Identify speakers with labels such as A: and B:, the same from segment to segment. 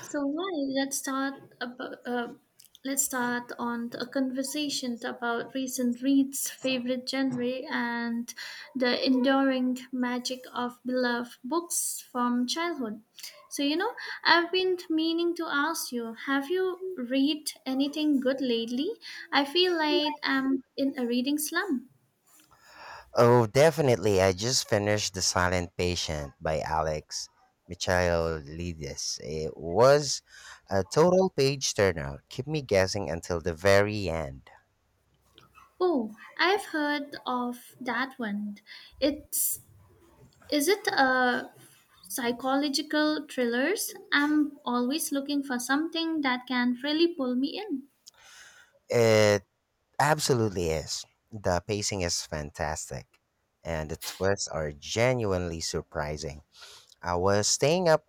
A: So why? Let's start about, uh, let's start on a conversation about recent reads, favorite genre, and the enduring magic of beloved books from childhood. So you know, I've been meaning to ask you: have you read anything good lately? I feel like I'm in a reading slump.
B: Oh, definitely. I just finished The Silent Patient by Alex Michailidis. It was a total page turner. Keep me guessing until the very end.
A: Oh, I've heard of that one. It's Is it a psychological thrillers? I'm always looking for something that can really pull me in.
B: It absolutely is. The pacing is fantastic, and the twists are genuinely surprising. I was staying up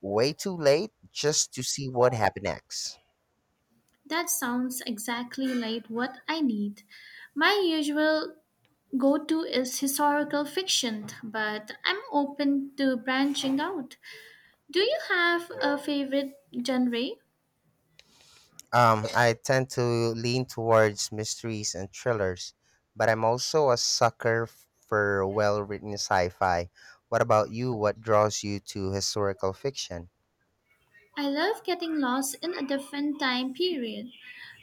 B: way too late just to see what happened next.
A: That sounds exactly like what I need. My usual go to is historical fiction, but I'm open to branching out. Do you have a favorite genre?
B: I tend to lean towards mysteries and thrillers, but I'm also a sucker for well written sci fi. What about you? What draws you to historical fiction?
A: I love getting lost in a different time period,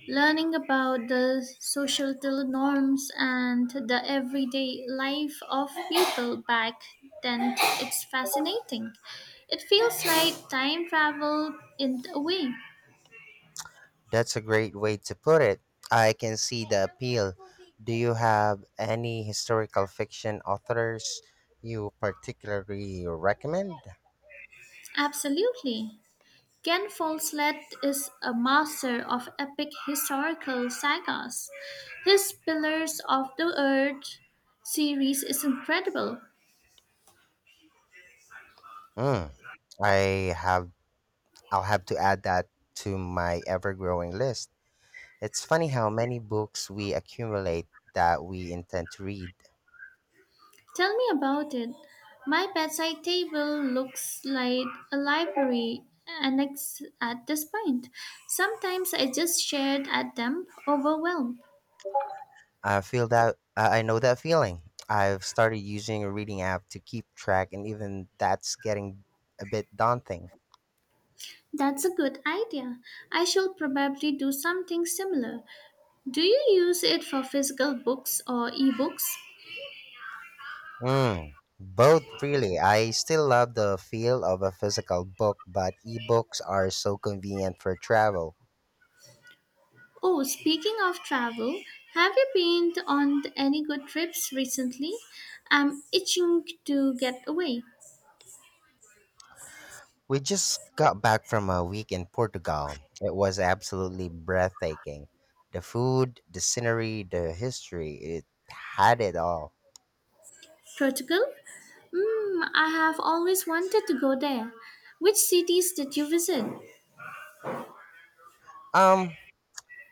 A: learning about the societal norms and the everyday life of people back then. It's fascinating. It feels like time travel in a way.
B: That's a great way to put it. I can see the appeal. Do you have any historical fiction authors you particularly recommend?
A: Absolutely. Ken Follett is a master of epic historical sagas. His Pillars of the Earth series is incredible.
B: Mm, I have I'll have to add that to my ever-growing list. It's funny how many books we accumulate that we intend to read.
A: Tell me about it. My bedside table looks like a library annex at this point. Sometimes I just stared at them, overwhelmed.
B: I feel that I know that feeling. I've started using a reading app to keep track, and even that's getting a bit daunting.
A: That's a good idea. I shall probably do something similar. Do you use it for physical books or ebooks?
B: Mm, Both, really. I still love the feel of a physical book, but ebooks are so convenient for travel.
A: Oh, speaking of travel, have you been on any good trips recently? I'm itching to get away.
B: We just got back from a week in Portugal. It was absolutely breathtaking. The food, the scenery, the history, it had it all.
A: Portugal? Mm, I have always wanted to go there. Which cities did you visit?
B: Um,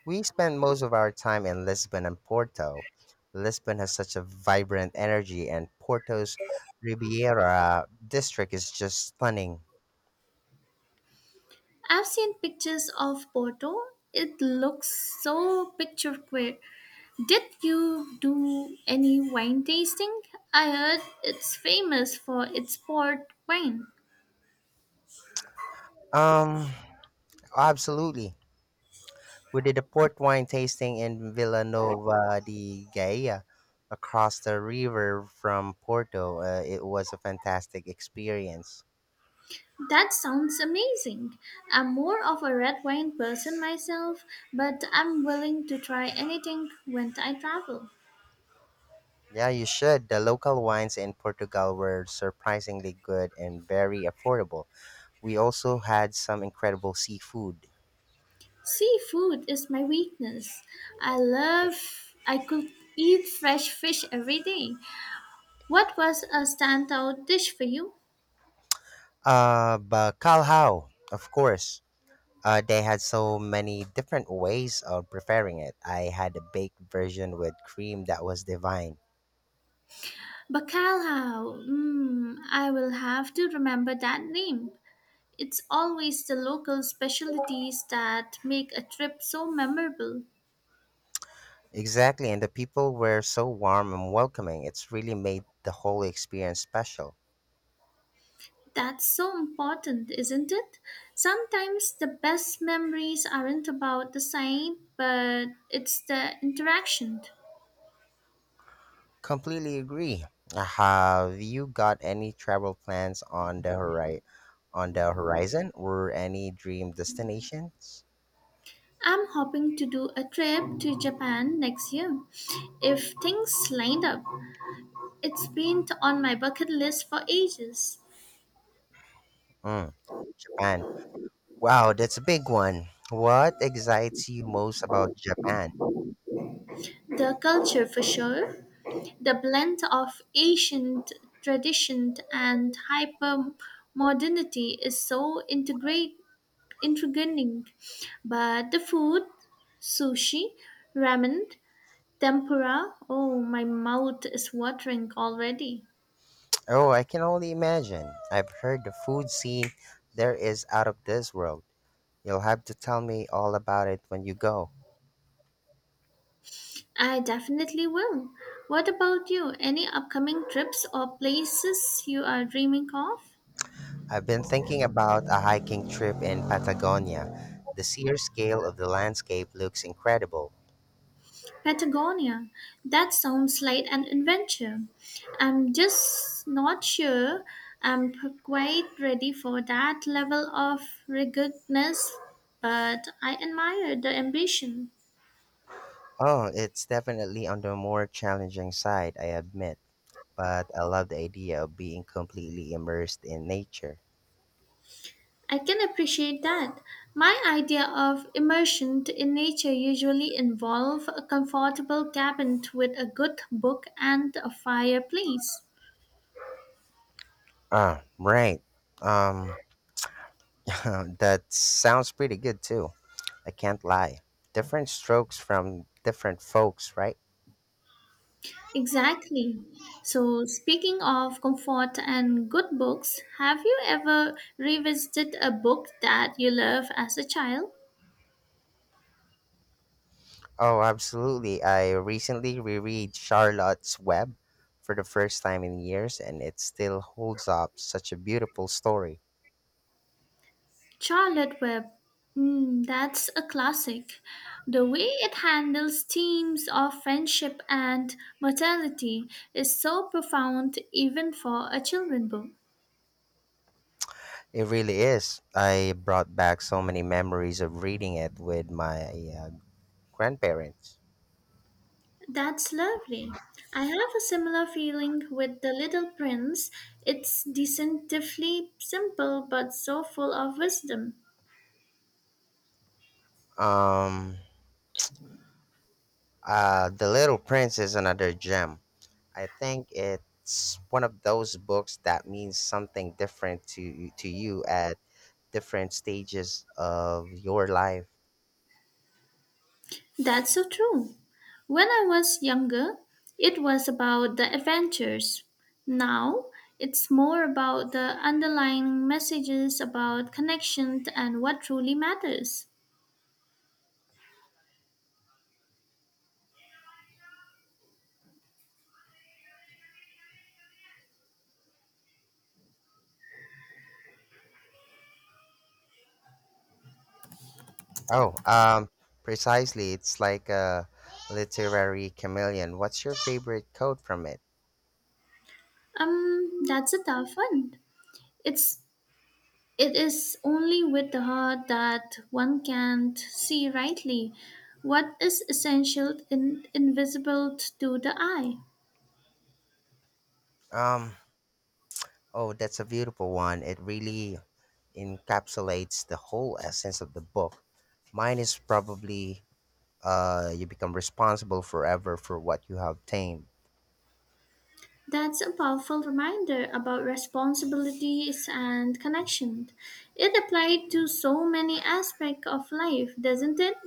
B: We spend most of our time in Lisbon and Porto. Lisbon has such a vibrant energy, and Porto's Ribeira district is just stunning.
A: I've seen pictures of Porto. It looks so picturesque. Did you do any wine tasting? I heard it's famous for its port wine.
B: Um, Absolutely. We did a port wine tasting in Vila Nova de Gaia across the river from Porto. It was a fantastic experience.
A: That sounds amazing. I'm more of a red wine person myself, but I'm willing to try anything when I travel.
B: Yeah, you should. The local wines in Portugal were surprisingly good and very affordable. We also had some incredible seafood.
A: Seafood is my weakness. I could eat fresh fish every day. What was a standout dish for you?
B: But Calhoun, of course. They had so many different ways of preparing it. I had a baked version with cream that was divine.
A: Bacalhau. Mm, I will have to remember that name. It's always the local specialties that make a trip so memorable.
B: Exactly, and the people were so warm and welcoming. It's really made the whole experience special.
A: That's so important, isn't it? Sometimes the best memories aren't about the sight, but it's the interaction.
B: Completely agree. Have you got any travel plans on the on the horizon or any dream destinations?
A: I'm hoping to do a trip to Japan next year if things lined up. It's been on my bucket list for ages.
B: Mm, Japan. Wow, that's a big one. What excites you most about Japan?
A: The culture, for sure, the blend of ancient tradition and hyper modernity is so intriguing. But the food, sushi, ramen, tempura, oh, my mouth is watering already.
B: Oh, I can only imagine. I've heard the food scene there is out of this world. You'll have to tell me all about it when you go.
A: I definitely will. What about you? Any upcoming trips or places you are dreaming of?
B: I've been thinking about a hiking trip in Patagonia. The sheer scale of the landscape looks incredible.
A: Patagonia. That sounds like an adventure. I'm just not sure quite ready for that level of ruggedness, but I admire the ambition.
B: Oh, it's definitely on the more challenging side, I admit, but I love the idea of being completely immersed in nature.
A: I can appreciate that. My idea of immersion in nature usually involve a comfortable cabin with a good book and a fireplace.
B: Ah, right. Um, that sounds pretty good too. I can't lie. Different strokes from different folks, right?
A: Exactly. So speaking of comfort and good books, have you ever revisited a book that you loved as a child?
B: Oh, absolutely. I recently reread Charlotte's Web for the first time in years, and it still holds up such a beautiful story.
A: Charlotte Web, mm, that's a classic. The way it handles themes of friendship and mortality is so profound, even for a children book.
B: It really is. I brought back so many memories of reading it with my uh, grandparents.
A: That's lovely. I have a similar feeling with The Little Prince. It's deceptively simple but so full of wisdom.
B: Um, The Little Prince is another gem. I think it's one of those books that means something different to you at different stages of your life.
A: That's so true. When I was younger, it was about the adventures. Now, it's more about the underlying messages about connection and what truly matters.
B: Oh, um, Precisely. It's like a literary chameleon. What's your favorite quote from it?
A: That's a tough one. It's it is only with the heart that one can see rightly what is essential and invisible to the eye.
B: Um, oh, that's a beautiful one. It really encapsulates the whole essence of the book. Mine is probably you become responsible forever for what you have tamed.
A: That's a powerful reminder about responsibilities and connection. It applied to so many aspects of life, doesn't it?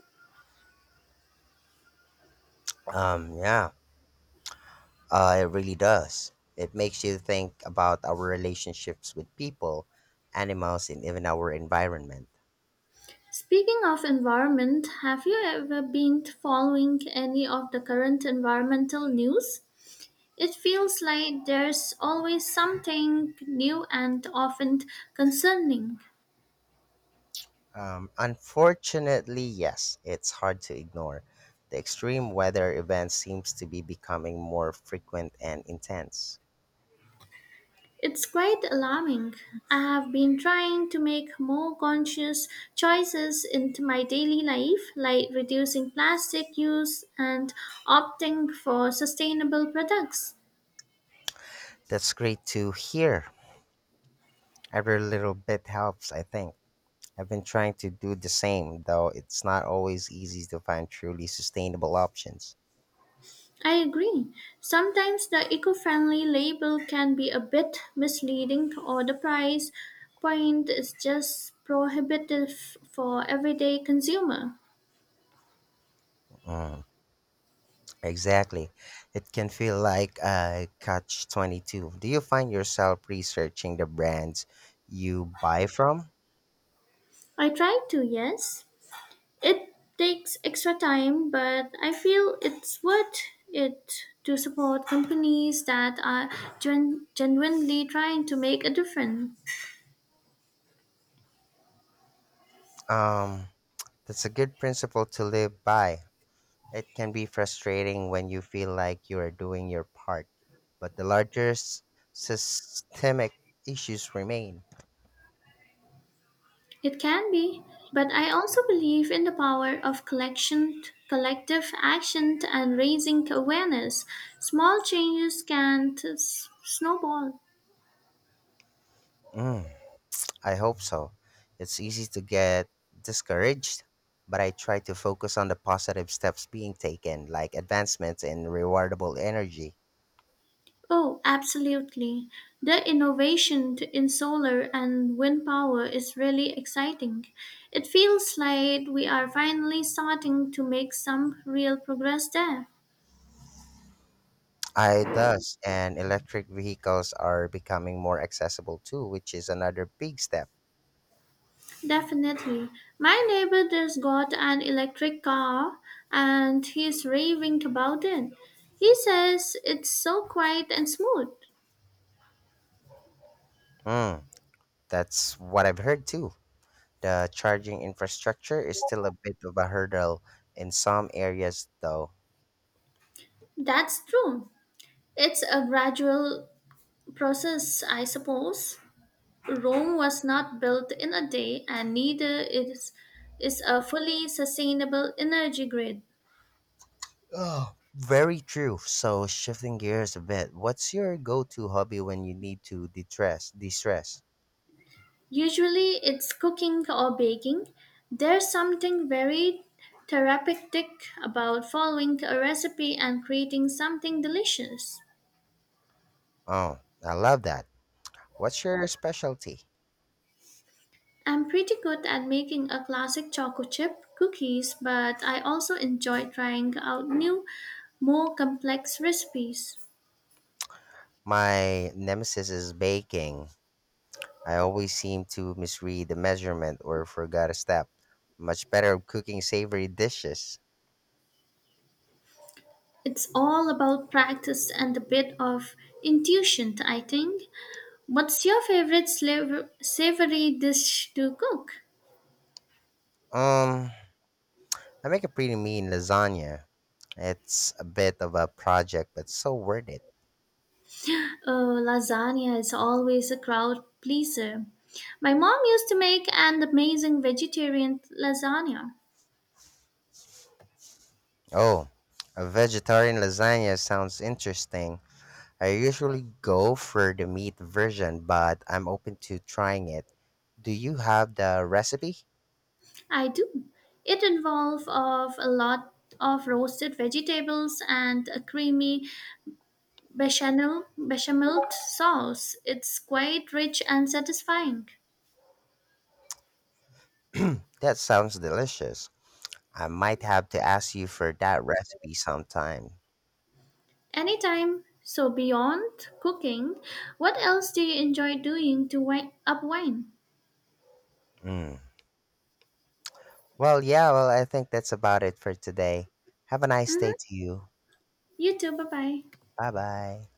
B: Yeah, it really does. It makes you think about our relationships with people, animals, and even our environment.
A: Speaking of environment, have you ever been following any of the current environmental news? It feels like there's always something new and often concerning.
B: Unfortunately, yes, it's hard to ignore. The extreme weather event seems to be becoming more frequent and intense.
A: It's quite alarming. I have been trying to make more conscious choices into my daily life, like reducing plastic use and opting for sustainable products.
B: That's great to hear. Every little bit helps, I think. I've been trying to do the same, though it's not always easy to find truly sustainable options.
A: I agree. Sometimes the eco friendly label can be a bit misleading, or the price point is just prohibitive for everyday consumer.
B: Mm, exactly. It can feel like a catch 22. Do you find yourself researching the brands you buy from?
A: I try to, yes. It takes extra time, but I feel it's worth it to support companies that are genuinely trying to make a difference.
B: Um, that's a good principle to live by. It can be frustrating when you feel like you are doing your part, but the larger systemic issues remain.
A: It can be, but I also believe in the power of collective action, and raising awareness. Small changes can snowball.
B: Mm, I hope so. It's easy to get discouraged, but I try to focus on the positive steps being taken, like advancements in rewardable energy.
A: Oh, absolutely. The innovation in solar and wind power is really exciting. It feels like we are finally starting to make some real progress there.
B: I thus and electric vehicles are becoming more accessible too, which is another big step.
A: Definitely. My neighbor just got an electric car and he's raving about it. He says it's so quiet and smooth.
B: Mm, that's what I've heard too. The charging infrastructure is still a bit of a hurdle in some areas, though.
A: That's true. It's a gradual process, I suppose. Rome was not built in a day, and neither is a fully sustainable energy grid.
B: Oh, very true. So, shifting gears a bit, what's your go-to hobby when you need to de-stress? De-stress.
A: Usually, it's cooking or baking. There's something very therapeutic about following a recipe and creating something delicious.
B: Oh, I love that. What's your specialty?
A: I'm pretty good at making a classic chocolate chip cookies, but I also enjoy trying out new, more complex recipes.
B: My nemesis is baking. I always seem to misread the measurement or forgot a step. Much better at cooking savory dishes.
A: It's all about practice and a bit of intuition, I think. What's your favorite savory dish to cook?
B: Um, I make a pretty mean lasagna. It's a bit of a project, but so worth it.
A: Oh, lasagna is always a crowd pleaser. My mom used to make an amazing vegetarian lasagna.
B: Oh, a vegetarian lasagna sounds interesting. I usually go for the meat version, but I'm open to trying it. Do you have the recipe?
A: I do. It involves of a lot of roasted vegetables and a creamy bechamel sauce. It's quite rich and satisfying.
B: That sounds delicious. I might have to ask you for that recipe sometime.
A: Anytime. So beyond cooking, what else do you enjoy doing to wind up wine?
B: Mm. Well, I think that's about it for today. Have a nice
A: Mm-hmm.
B: day to you.
A: You too. Bye bye.
B: Bye bye.